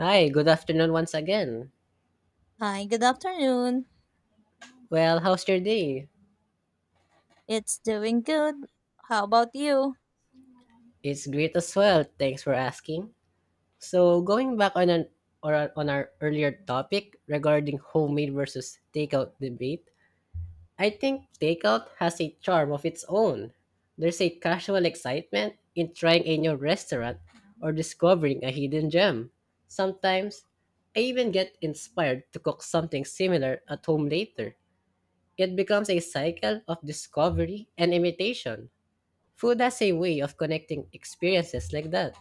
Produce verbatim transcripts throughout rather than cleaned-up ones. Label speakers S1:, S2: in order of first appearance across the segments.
S1: Hi, good afternoon once again.
S2: Hi, good afternoon.
S1: Well, how's your day?
S2: It's doing good. How about you?
S1: It's great as well. Thanks for asking. So, going back on an or on our earlier topic regarding homemade versus takeout debate, I think takeout has a charm of its own. There's a casual excitement in trying a new restaurant or discovering a hidden gem. Sometimes, I even get inspired to cook something similar at home later. It becomes a cycle of discovery and imitation. Food has a way of connecting experiences like that.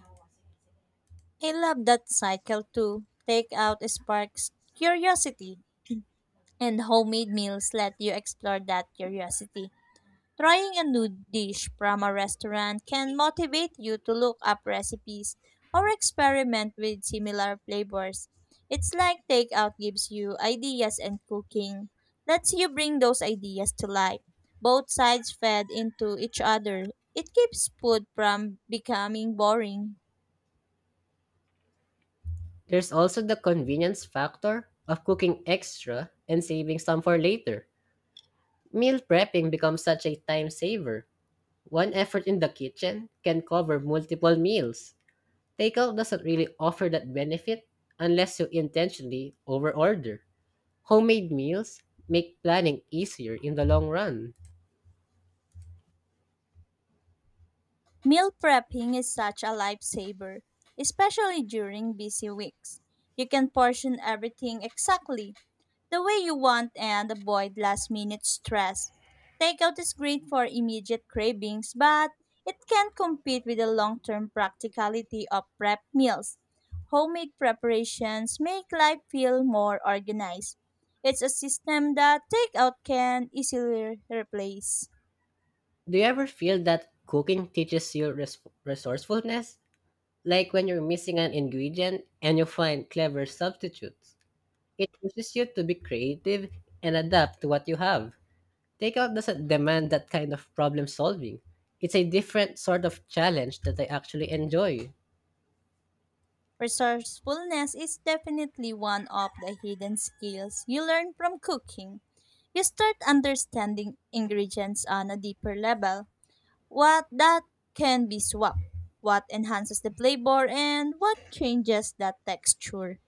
S2: I love that cycle too. Takeout sparks curiosity, and homemade meals let you explore that curiosity. Trying a new dish from a restaurant can motivate you to look up recipes or experiment with similar flavors. It's like takeout gives you ideas and cooking lets you bring those ideas to life. Both sides fed into each other. It keeps food from becoming boring.
S1: There's also the convenience factor of cooking extra and saving some for later. Meal prepping becomes such a time saver. One effort in the kitchen can cover multiple meals. Takeout doesn't really offer that benefit unless you intentionally overorder. Homemade meals make planning easier in the long run.
S2: Meal prepping is such a lifesaver, especially during busy weeks. You can portion everything exactly the way you want and avoid last minute stress. Takeout is great for immediate cravings, but it can't compete with the long term practicality of prep meals. Homemade preparations make life feel more organized. It's a system that takeout can easily replace.
S1: Do you ever feel that cooking teaches you res- resourcefulness? Like when you're missing an ingredient and you find clever substitutes. It pushes you to be creative and adapt to what you have. Takeout doesn't demand that kind of problem solving. It's a different sort of challenge that I actually enjoy.
S2: Resourcefulness is definitely one of the hidden skills you learn from cooking. You start understanding ingredients on a deeper level, what that can be swapped, what enhances the flavor, and what changes the texture.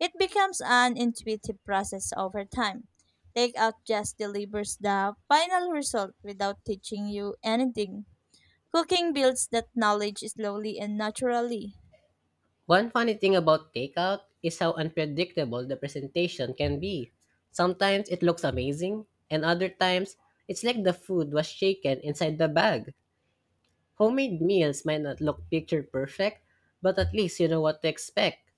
S2: It becomes an intuitive process over time. Takeout just delivers the final result without teaching you anything. Cooking builds that knowledge slowly and naturally.
S1: One funny thing about takeout is how unpredictable the presentation can be. Sometimes it looks amazing, and other times it's like the food was shaken inside the bag. Homemade meals might not look picture perfect, but at least you know what to expect.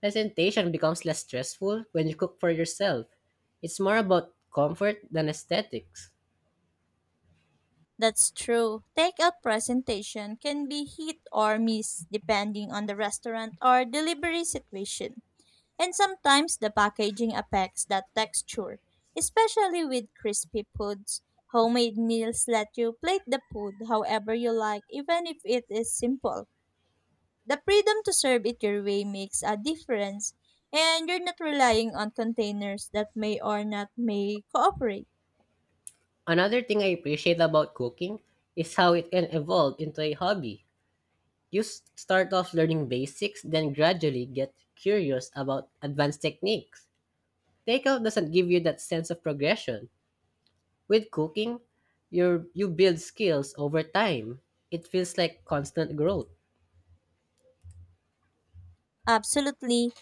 S1: Presentation becomes less stressful when you cook for yourself. It's more about comfort than aesthetics.
S2: That's true. Takeout presentation can be hit or miss depending on the restaurant or delivery situation. And sometimes the packaging affects that texture, especially with crispy foods. Homemade meals let you plate the food however you like, even if it is simple. The freedom to serve it your way makes a difference, and you're not relying on containers that may or not may cooperate.
S1: Another thing I appreciate about cooking is how it can evolve into a hobby. You s- start off learning basics, then gradually get curious about advanced techniques. Takeout doesn't give you that sense of progression. With cooking, you you build skills over time. It feels like constant growth.
S2: Absolutely.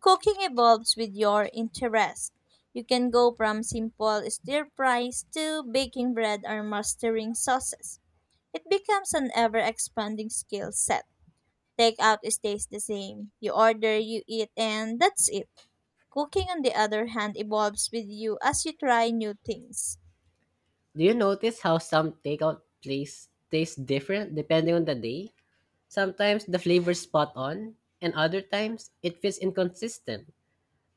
S2: Cooking evolves with your interest. You can go from simple stir fries to baking bread or mastering sauces. It becomes an ever expanding skill set. Takeout stays the same. You order, you eat, and that's it. Cooking, on the other hand, evolves with you as you try new things.
S1: Do you notice how some takeout place tastes different depending on the day? Sometimes the flavor's spot on, and other times it feels inconsistent.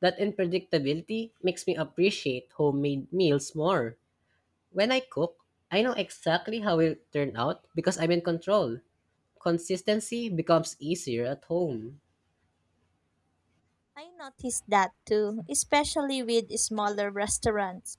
S1: That unpredictability makes me appreciate homemade meals more. When I cook, I know exactly how it'll turn out because I'm in control. Consistency becomes easier at home.
S2: I noticed that too, especially with smaller restaurants.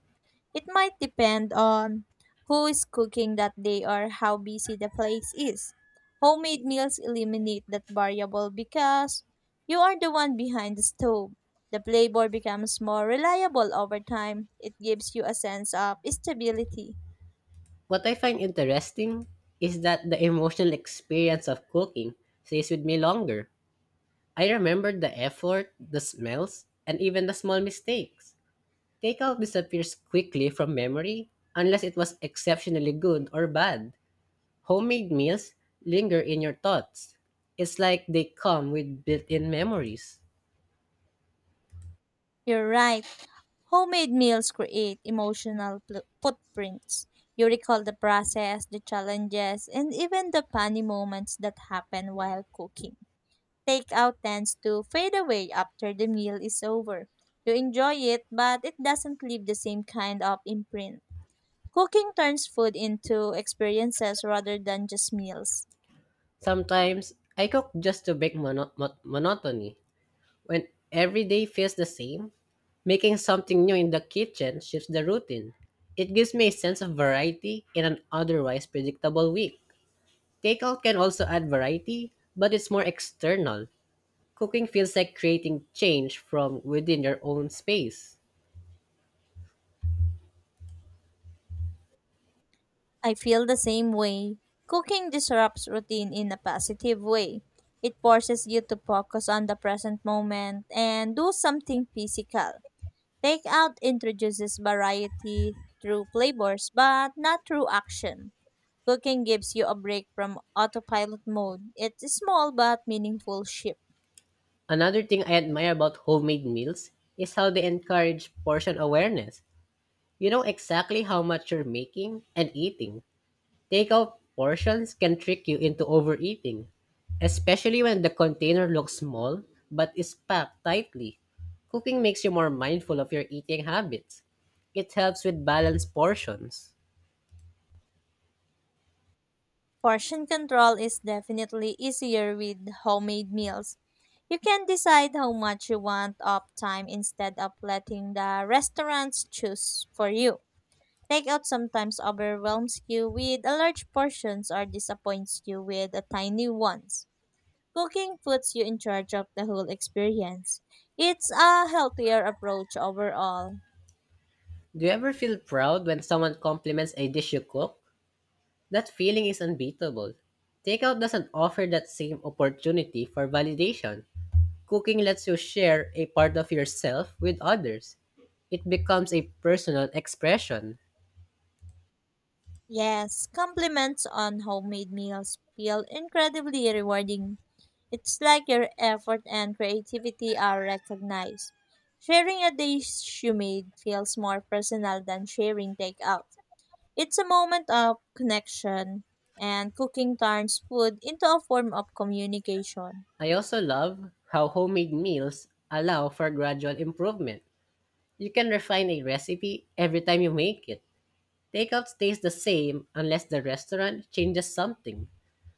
S2: It might depend on who is cooking that day or how busy the place is. Homemade meals eliminate that variable because you are the one behind the stove. The flavor becomes more reliable over time. It gives you a sense of stability.
S1: What I find interesting is that the emotional experience of cooking stays with me longer. I remember the effort, the smells, and even the small mistakes. Takeout disappears quickly from memory unless it was exceptionally good or bad. Homemade meals linger in your thoughts. It's like they come with built in memories.
S2: You're right. Homemade meals create emotional pl- footprints. You recall the process, the challenges, and even the funny moments that happen while cooking. Takeout tends to fade away after the meal is over. You enjoy it, but it doesn't leave the same kind of imprint. Cooking turns food into experiences rather than just meals.
S1: Sometimes I cook just to break mono- mon- monotony. When every day feels the same, making something new in the kitchen shifts the routine. It gives me a sense of variety in an otherwise predictable week. Takeout can also add variety, but it's more external. Cooking feels like creating change from within your own space.
S2: I feel the same way. Cooking disrupts routine in a positive way. It forces you to focus on the present moment and do something physical. Takeout introduces variety through flavors, but not through action. Cooking gives you a break from autopilot mode. It's a small but meaningful shift.
S1: Another thing I admire about homemade meals is how they encourage portion awareness. You know exactly how much you're making and eating. Takeout portions can trick you into overeating, especially when the container looks small but is packed tightly. Cooking makes you more mindful of your eating habits. It helps with balanced portions.
S2: Portion control is definitely easier with homemade meals. You can decide how much you want of time instead of letting the restaurants choose for you. Takeout sometimes overwhelms you with a large portions or disappoints you with a tiny ones. Cooking puts you in charge of the whole experience. It's a healthier approach overall.
S1: Do you ever feel proud when someone compliments a dish you cook? That feeling is unbeatable. Takeout doesn't offer that same opportunity for validation. Cooking lets you share a part of yourself with others. It becomes a personal expression.
S2: Yes, compliments on homemade meals feel incredibly rewarding. It's like your effort and creativity are recognized. Sharing a dish you made feels more personal than sharing takeout. It's a moment of connection, and cooking turns food into a form of communication.
S1: I also love how homemade meals allow for gradual improvement. You can refine a recipe every time you make it. Takeout stays the same unless the restaurant changes something.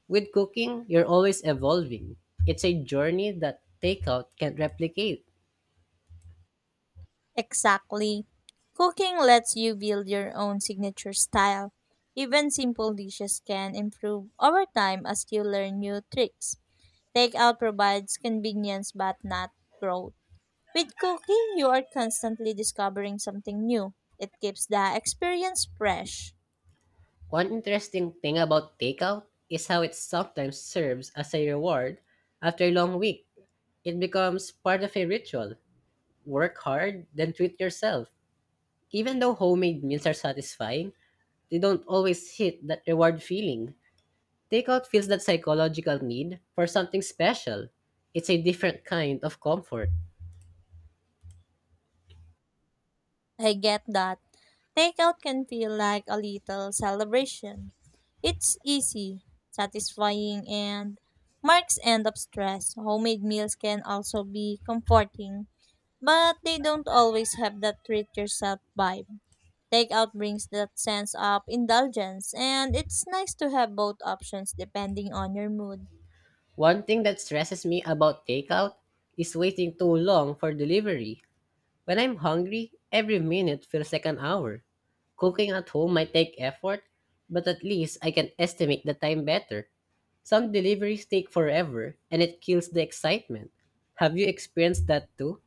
S1: With cooking, you're always evolving. It's a journey that takeout can't replicate.
S2: Exactly. Cooking lets you build your own signature style. Even simple dishes can improve over time as you learn new tricks. Takeout provides convenience but not growth. With cooking, you are constantly discovering something new. It keeps the experience fresh.
S1: One interesting thing about takeout is how it sometimes serves as a reward after a long week. It becomes part of a ritual. Work hard, then treat yourself. Even though homemade meals are satisfying, they don't always hit that reward feeling. Takeout feels that psychological need for something special. It's a different kind of comfort.
S2: I get that. Takeout can feel like a little celebration. It's easy, satisfying, and marks end of stress. Homemade meals can also be comforting, but they don't always have that treat yourself vibe. Takeout brings that sense of indulgence, and it's nice to have both options depending on your mood.
S1: One thing that stresses me about takeout is waiting too long for delivery. When I'm hungry, every minute feels like an hour. Cooking at home might take effort, but at least I can estimate the time better. Some deliveries take forever, and it kills the excitement. Have you experienced that too?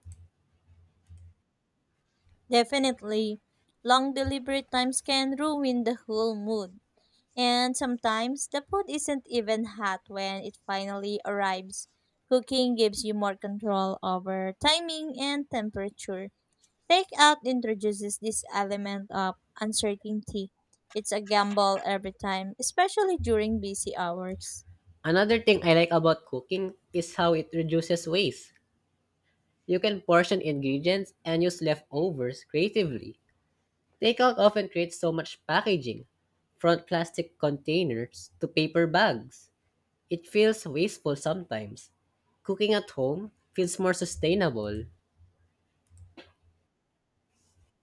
S2: Definitely, long delivery times can ruin the whole mood. And sometimes the food isn't even hot when it finally arrives. Cooking gives you more control over timing and temperature. Takeout introduces this element of uncertainty. It's a gamble every time, especially during busy hours.
S1: Another thing I like about cooking is how it reduces waste. You can portion ingredients and use leftovers creatively. Takeout often creates so much packaging, from plastic containers to paper bags. It feels wasteful sometimes. Cooking at home feels more sustainable.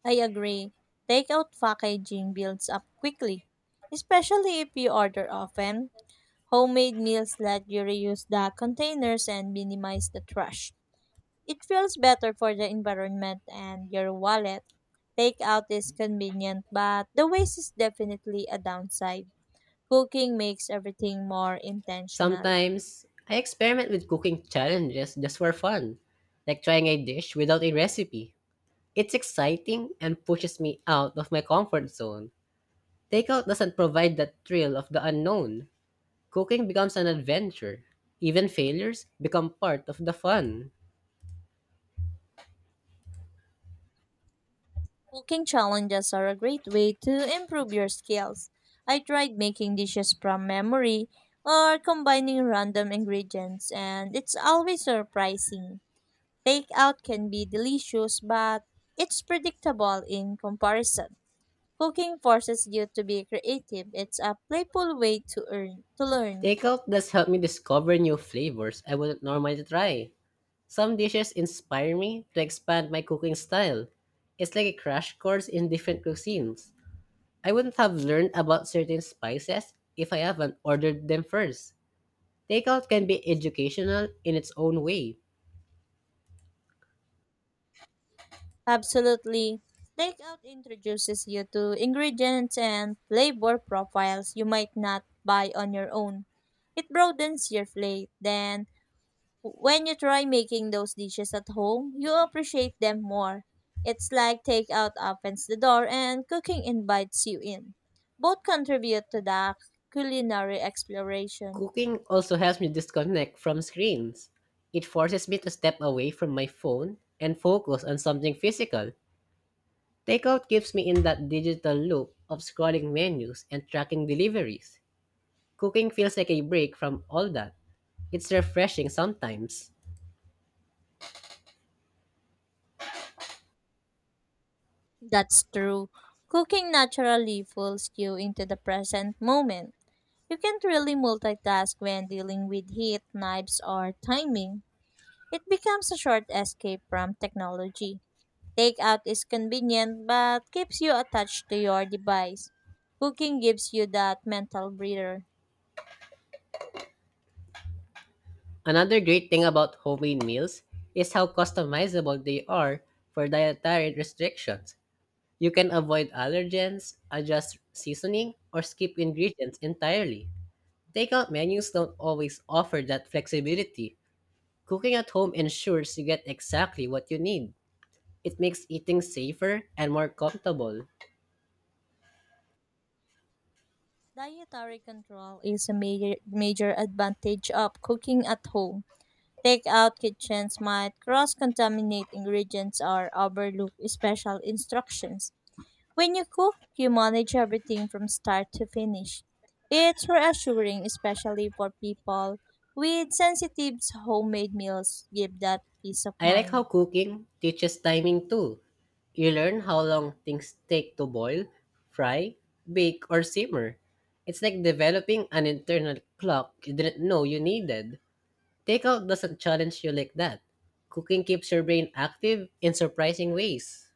S2: I agree. Takeout packaging builds up quickly, especially if you order often. Homemade meals let you reuse the containers and minimize the trash. It feels better for the environment and your wallet. Takeout is convenient, but the waste is definitely a downside. Cooking makes everything more intentional.
S1: Sometimes I experiment with cooking challenges just for fun, like trying a dish without a recipe. It's exciting and pushes me out of my comfort zone. Takeout doesn't provide that thrill of the unknown. Cooking becomes an adventure. Even failures become part of the fun.
S2: Cooking challenges are a great way to improve your skills. I tried making dishes from memory or combining random ingredients, and it's always surprising. Takeout can be delicious, but it's predictable in comparison. Cooking forces you to be creative. It's a playful way to earn to learn.
S1: Takeout does help me discover new flavors I wouldn't normally try. Some dishes inspire me to expand my cooking style. It's like a crash course in different cuisines. I wouldn't have learned about certain spices if I haven't ordered them first. Takeout can be educational in its own way.
S2: Absolutely. Takeout introduces you to ingredients and flavor profiles you might not buy on your own. It broadens your plate. Then, when you try making those dishes at home, you appreciate them more. It's like takeout opens the door and cooking invites you in. Both contribute to the culinary exploration.
S1: Cooking also helps me disconnect from screens. It forces me to step away from my phone and focus on something physical. Takeout keeps me in that digital loop of scrolling menus and tracking deliveries. Cooking feels like a break from all that. It's refreshing sometimes.
S2: That's true. Cooking naturally pulls you into the present moment. You can't really multitask when dealing with heat, knives, or timing. It becomes a short escape from technology. Takeout is convenient but keeps you attached to your device. Cooking gives you that mental breather.
S1: Another great thing about homemade meals is how customizable they are for dietary restrictions. You can avoid allergens, adjust seasoning, or skip ingredients entirely. Takeout menus don't always offer that flexibility. Cooking at home ensures you get exactly what you need. It makes eating safer and more comfortable.
S2: Dietary control is a major, major advantage of cooking at home. Takeout kitchens might cross contaminate ingredients or overlook special instructions. When you cook, you manage everything from start to finish. It's reassuring, especially for people with sensitive homemade meals give that peace of
S1: I like how
S2: mind.
S1: cooking teaches timing too. You learn how long things take to boil, fry, bake, or simmer. It's like developing an internal clock you didn't know you needed. Takeout doesn't challenge you like that. Cooking keeps your brain active in surprising ways.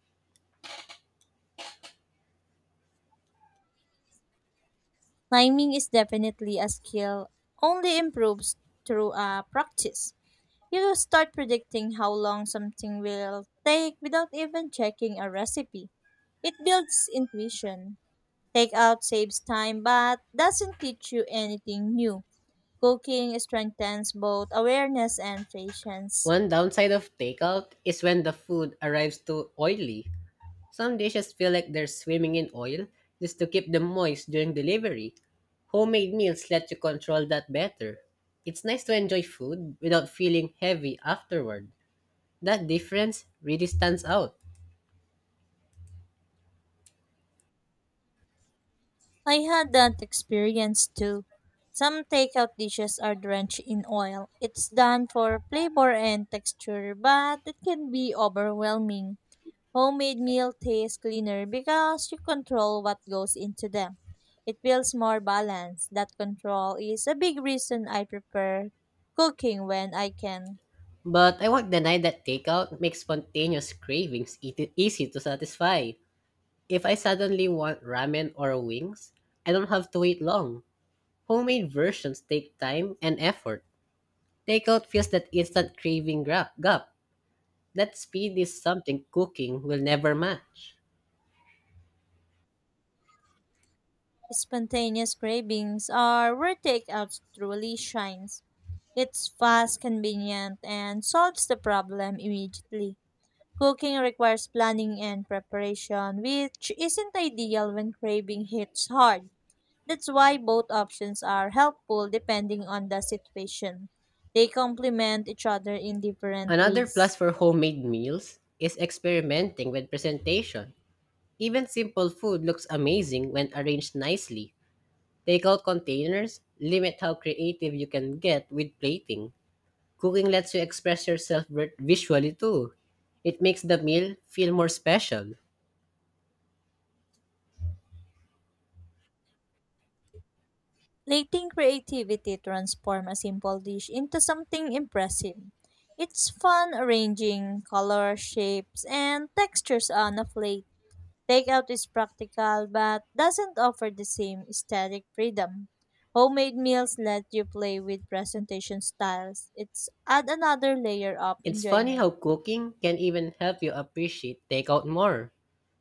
S2: Timing is definitely a skill only improves through uh, practice. You will start predicting how long something will take without even checking a recipe. It builds intuition. Takeout saves time but doesn't teach you anything new. Cooking strengthens both awareness and patience.
S1: One downside of takeout is when the food arrives too oily. Some dishes feel like they're swimming in oil just to keep them moist during delivery. Homemade meals let you control that better. It's nice to enjoy food without feeling heavy afterward. That difference really stands out.
S2: I had that experience too. Some takeout dishes are drenched in oil. It's done for flavor and texture, but it can be overwhelming. Homemade meal tastes cleaner because you control what goes into them. It feels more balanced. That control is a big reason I prefer cooking when I can.
S1: But I won't deny that takeout makes spontaneous cravings eat- easy to satisfy. If I suddenly want ramen or wings, I don't have to wait long. Homemade versions take time and effort. Takeout fills that instant craving gra- gap. That speed is something cooking will never match.
S2: Spontaneous cravings are where takeout truly shines. It's fast, convenient, and solves the problem immediately. Cooking requires planning and preparation, which isn't ideal when craving hits hard. That's why both options are helpful depending on the situation. They complement each other in different
S1: Another plus
S2: ways.
S1: for homemade meals is experimenting with presentation. Even simple food looks amazing when arranged nicely. Takeout containers limit how creative you can get with plating. Cooking lets you express yourself vi- visually too. It makes the meal feel more special.
S2: Letting creativity transform a simple dish into something impressive. It's fun arranging color, shapes, and textures on a plate. Takeout is practical but doesn't offer the same aesthetic freedom. Homemade meals let you play with presentation styles. It's add another layer of
S1: It's funny how
S2: enjoyment.
S1: cooking can even help you appreciate takeout more.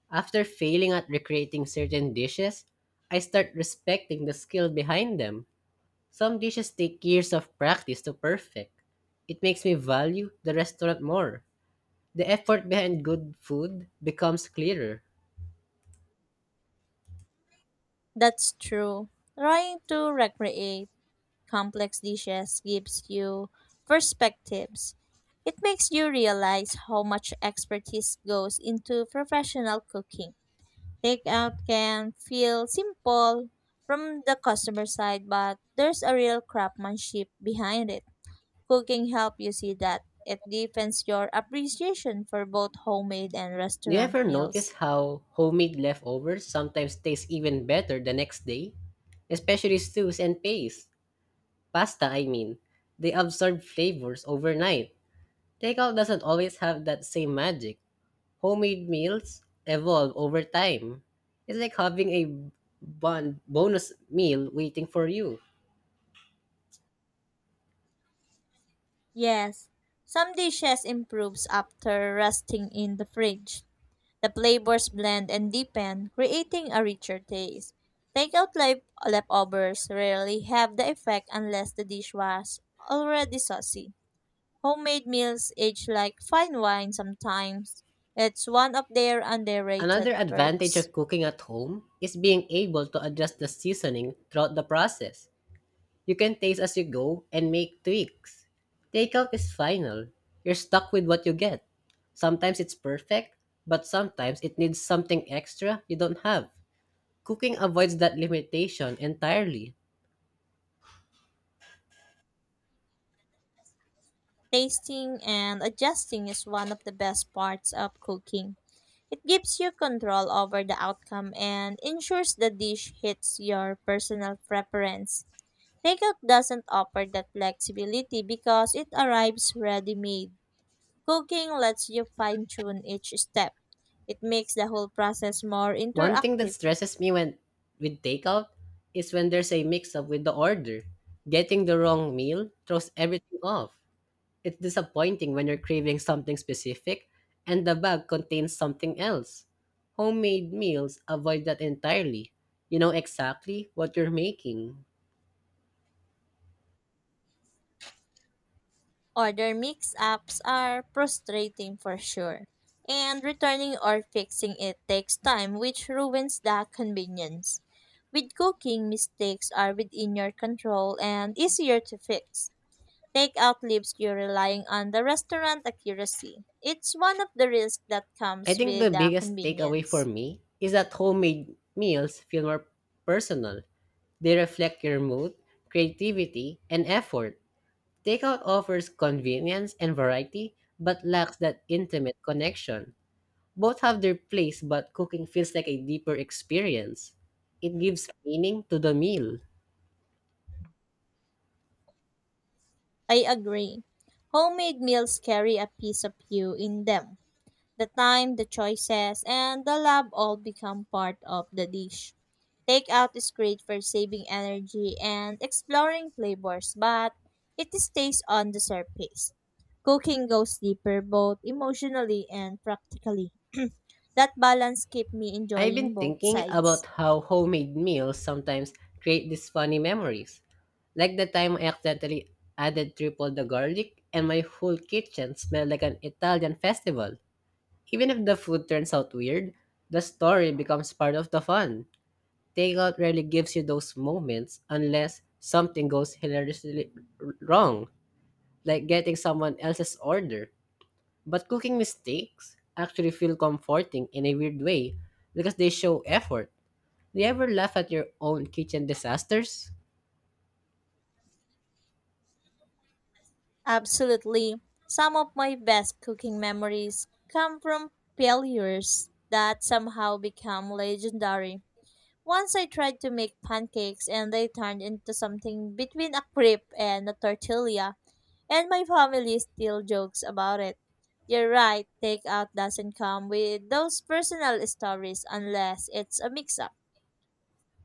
S1: After failing at recreating certain dishes, I start respecting the skill behind them. Some dishes take years of practice to perfect. It makes me value the restaurant more. The effort behind good food becomes clearer.
S2: That's true. Trying to recreate complex dishes gives you perspectives. It makes you realize how much expertise goes into professional cooking. Takeout can feel simple from the customer side, but there's a real craftsmanship behind it. Cooking helps you see that. It deepens your appreciation for both homemade and
S1: Do you
S2: restaurant
S1: ever
S2: meals.
S1: notice how homemade leftovers sometimes taste even better the next day? Especially stews and paste. Pasta, I mean. They absorb flavors overnight. Takeout doesn't always have that same magic. Homemade meals evolve over time. It's like having a bon- bonus meal waiting for you.
S2: Yes, some dishes improves after resting in the fridge. The flavors blend and deepen, creating a richer taste. Takeout life leftovers rarely have the effect unless the dish was already saucy. Homemade meals age like fine wine sometimes. It's one of their
S1: Another
S2: underrated
S1: advantage
S2: perks.
S1: of cooking at home is being able to adjust the seasoning throughout the process. You can taste as you go and make tweaks. Takeout is final. You're stuck with what you get. Sometimes it's perfect, but sometimes it needs something extra you don't have. Cooking avoids that limitation entirely.
S2: Tasting and adjusting is one of the best parts of cooking. It gives you control over the outcome and ensures the dish hits your personal preference. Takeout doesn't offer that flexibility because it arrives ready made. Cooking lets you fine tune each step. It makes the whole process more
S1: One thing that
S2: interactive.
S1: stresses me when with takeout is when there's a mix-up with the order. Getting the wrong meal throws everything off. It's disappointing when you're craving something specific and the bag contains something else. Homemade meals avoid that entirely. You know exactly what you're making.
S2: Order mix ups are frustrating for sure. And returning or fixing it takes time, which ruins the convenience. With cooking, mistakes are within your control and easier to fix. Takeout leaves you relying on the restaurant accuracy. It's one of the risks that
S1: I
S2: comes
S1: think
S2: with
S1: the
S2: the
S1: biggest takeaway for
S2: convenience.
S1: me is that homemade meals feel more personal. They reflect your mood, creativity, and effort Takeout offers convenience and variety, but lacks that intimate connection. Both have their place, but cooking feels like a deeper experience. It gives meaning to the meal.
S2: I agree. Homemade meals carry a piece of you in them. The time, the choices, and the love all become part of the dish. Takeout is great for saving energy and exploring flavors, but it stays on the surface. Cooking goes deeper both emotionally and practically. That balance kept me
S1: I've been
S2: enjoying both
S1: thinking about
S2: sides.
S1: how homemade meals sometimes create these funny memories. Like the time I accidentally added triple the garlic and my whole kitchen smelled like an Italian festival. Even if the food turns out weird, the story becomes part of the fun. Takeout rarely gives you those moments unless something goes hilariously r- wrong, like getting someone else's order. But cooking mistakes actually feel comforting in a weird way because they show effort. Do you ever laugh at your own kitchen disasters?
S2: Absolutely. Some of my best cooking memories come from failures that somehow become legendary. Once I tried to make pancakes and they turned into something between a crepe and a tortilla, and my family still jokes about it. You're right, takeout doesn't come with those personal stories unless it's a mix up.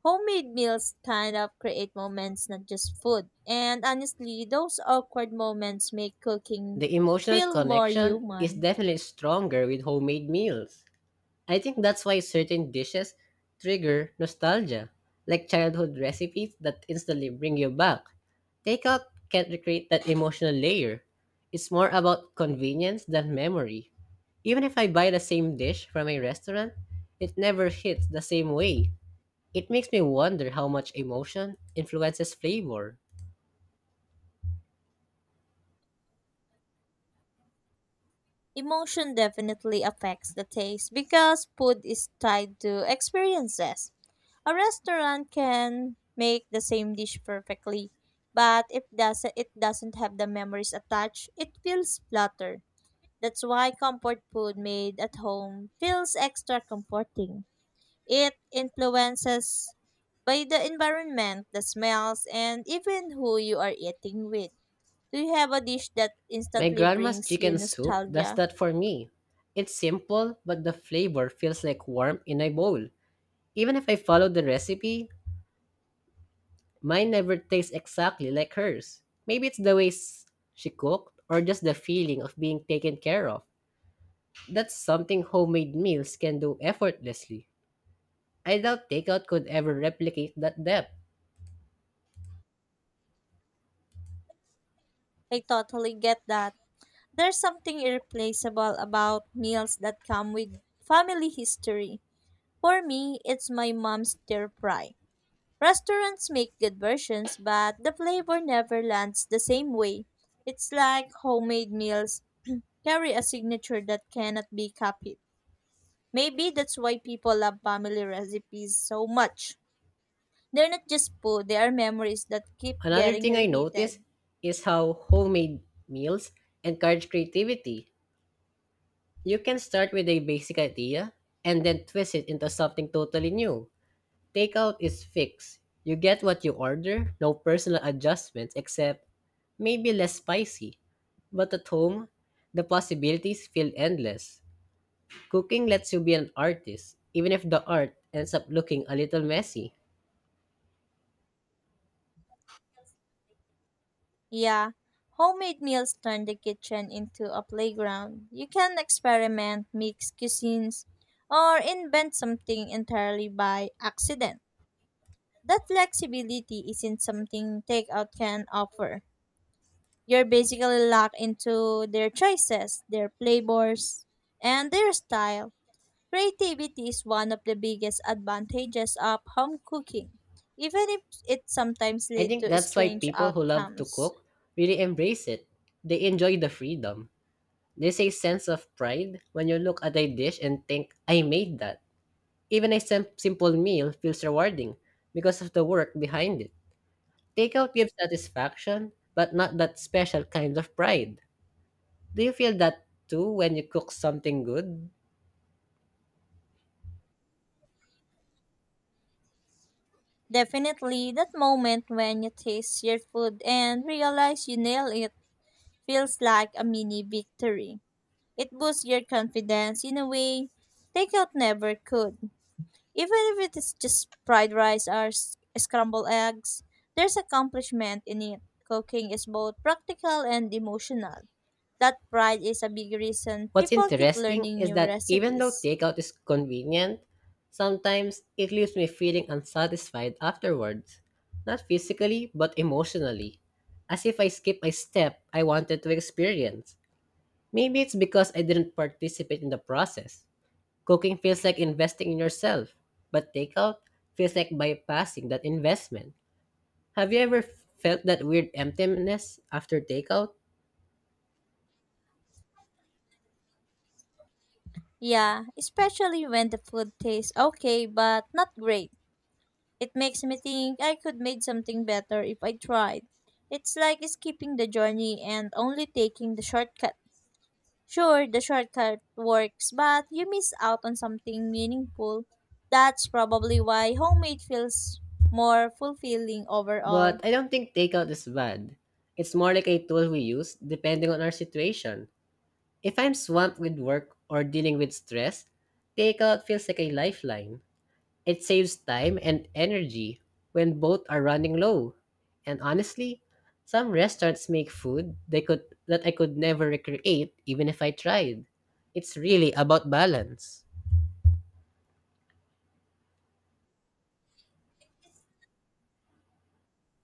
S2: Homemade meals kind of create moments, not just food. And honestly, those awkward moments make cooking
S1: The emotional
S2: feel more
S1: connection is
S2: human.
S1: definitely stronger with homemade meals. I think that's why certain dishes trigger nostalgia, like childhood recipes that instantly bring you back. Takeout can't recreate that emotional layer. It's more about convenience than memory. Even if I buy the same dish from a restaurant, it never hits the same way. It makes me wonder how much emotion influences flavor.
S2: Emotion definitely affects the taste because food is tied to experiences. A restaurant can make the same dish perfectly, but if doesn't it doesn't have the memories attached, it feels flatter. That's why comfort food made at home feels extra comforting. It influences by the environment, the smells, and even who you are eating with. Do you have a dish that
S1: My
S2: instantly
S1: grandma's
S2: brings you
S1: chicken soup does
S2: nostalgia?
S1: that for me. It's simple, but the flavor feels like warmth in a bowl. Even if I follow the recipe, Mine never tastes exactly like hers. Maybe it's the way s- she cooked or just the feeling of being taken care of. That's something homemade meals can do effortlessly. I doubt takeout could ever replicate that depth.
S2: I totally get that. There's something irreplaceable about meals that come with family history. For me, it's my mom's stir fry. Restaurants make good versions, but the flavor never lands the same way. It's like homemade meals carry a signature that cannot be copied. Maybe that's why people love family recipes so much. They're not just food, they are memories that keep
S1: Another
S2: getting
S1: thing I notice
S2: reheated.
S1: is how homemade meals encourage creativity. You can start with a basic idea and then twist it into something totally new. Takeout is fixed. You get what you order, no personal adjustments except maybe less spicy. But at home, the possibilities feel endless. Cooking lets you be an artist, even if the art ends up looking a little messy.
S2: Yeah, homemade meals turn the kitchen into a playground. You can experiment, mix cuisines, or invent something entirely by accident. That flexibility isn't something takeout can offer. You're basically locked into their choices, their flavors, and their style. Creativity is one of the biggest advantages of home cooking, even if it sometimes
S1: I
S2: leads
S1: think
S2: to
S1: that's why
S2: strange
S1: people who love to
S2: outcomes.
S1: cook really embrace it. They enjoy the freedom. There's a sense of pride when you look at a dish and think, I made that. Even a sim- simple meal feels rewarding because of the work behind it. Takeout gives satisfaction, but not that special kind of pride. Do you feel that too when you cook something good?
S2: Definitely, that moment when you taste your food and realize you nail it feels like a mini victory. It boosts your confidence in a way takeout never could. Even if it is just fried rice or s- scrambled eggs, there's accomplishment in it. Cooking is both practical and emotional. That pride is a big reason
S1: What's
S2: people keep
S1: interesting
S2: learning
S1: is
S2: new
S1: that even though
S2: recipes.
S1: takeout is convenient, sometimes it leaves me feeling unsatisfied afterwards. Not physically, but emotionally. As if I skipped a step I wanted to experience. Maybe it's because I didn't participate in the process. Cooking feels like investing in yourself, but takeout feels like bypassing that investment. Have you ever felt that weird emptiness after takeout?
S2: Yeah, especially when the food tastes okay but not great. It makes me think I could make something better if I tried. It's like skipping the journey and only taking the shortcut. Sure, the shortcut works, but you miss out on something meaningful. That's probably why homemade feels more fulfilling
S1: But
S2: overall.
S1: I don't think takeout is bad. It's more like a tool we use depending on our situation. If I'm swamped with work or dealing with stress, takeout feels like a lifeline. It saves time and energy when both are running low. And honestly, some restaurants make food they could that I could never recreate even if I tried. It's really about balance.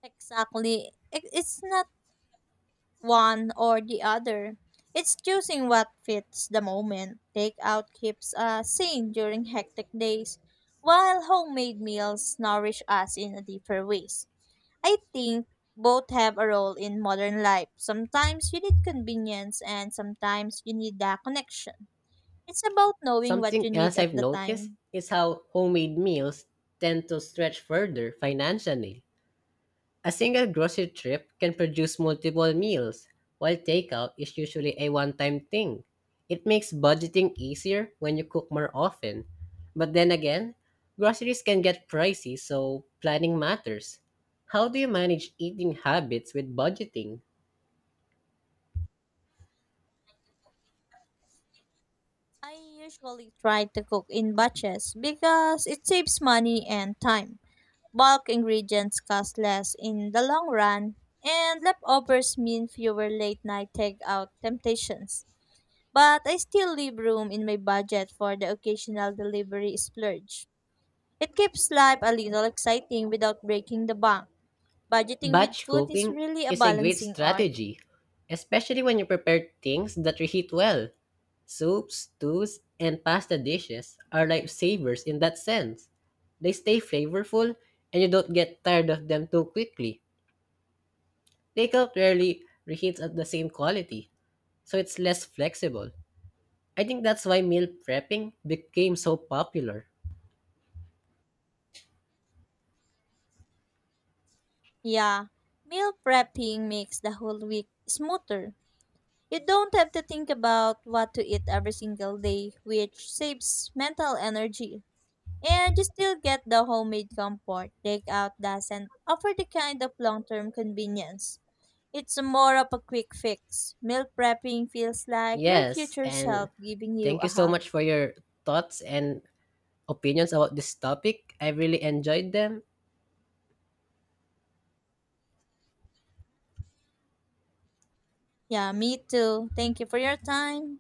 S2: Exactly. I- It's not one or the other. It's choosing what fits the moment. Takeout keeps us sane during hectic days, while homemade meals nourish us in a deeper ways. I think both have a role in modern life. Sometimes you need convenience and sometimes you need the connection. It's about knowing what
S1: Something
S2: you need
S1: else
S2: at
S1: I've
S2: the
S1: noticed
S2: time.
S1: is how homemade meals tend to stretch further financially. A single grocery trip can produce multiple meals, while takeout is usually a one time thing. It makes budgeting easier when you cook more often. But then again, groceries can get pricey, so planning matters. How do you manage eating habits with budgeting?
S2: I usually try to cook in batches because it saves money and time. Bulk ingredients cost less in the long run, and leftovers mean fewer late night takeout temptations. But I still leave room in my budget for the occasional delivery splurge. It keeps life a little exciting without breaking the bank. Budgeting with
S1: Batch
S2: food is
S1: cooking
S2: really a
S1: is a great
S2: balancing art.
S1: strategy, especially when you prepare things that reheat well. Soups, stews, and pasta dishes are lifesavers in that sense. They stay flavorful and you don't get tired of them too quickly. Takeout rarely reheats at the same quality, so it's less flexible. I think that's why meal prepping became so popular.
S2: Yeah, meal prepping makes the whole week smoother. You don't have to think about what to eat every single day, which saves mental energy. And you still get the homemade comfort. Takeout doesn't offer the kind of long term convenience. It's more of a quick fix. Meal prepping feels like your
S1: Yes,
S2: future
S1: and
S2: self giving you
S1: thank
S2: a
S1: you so
S2: hug.
S1: much for your thoughts and opinions about this topic. I really enjoyed them.
S2: Yeah, me too. Thank you for your time.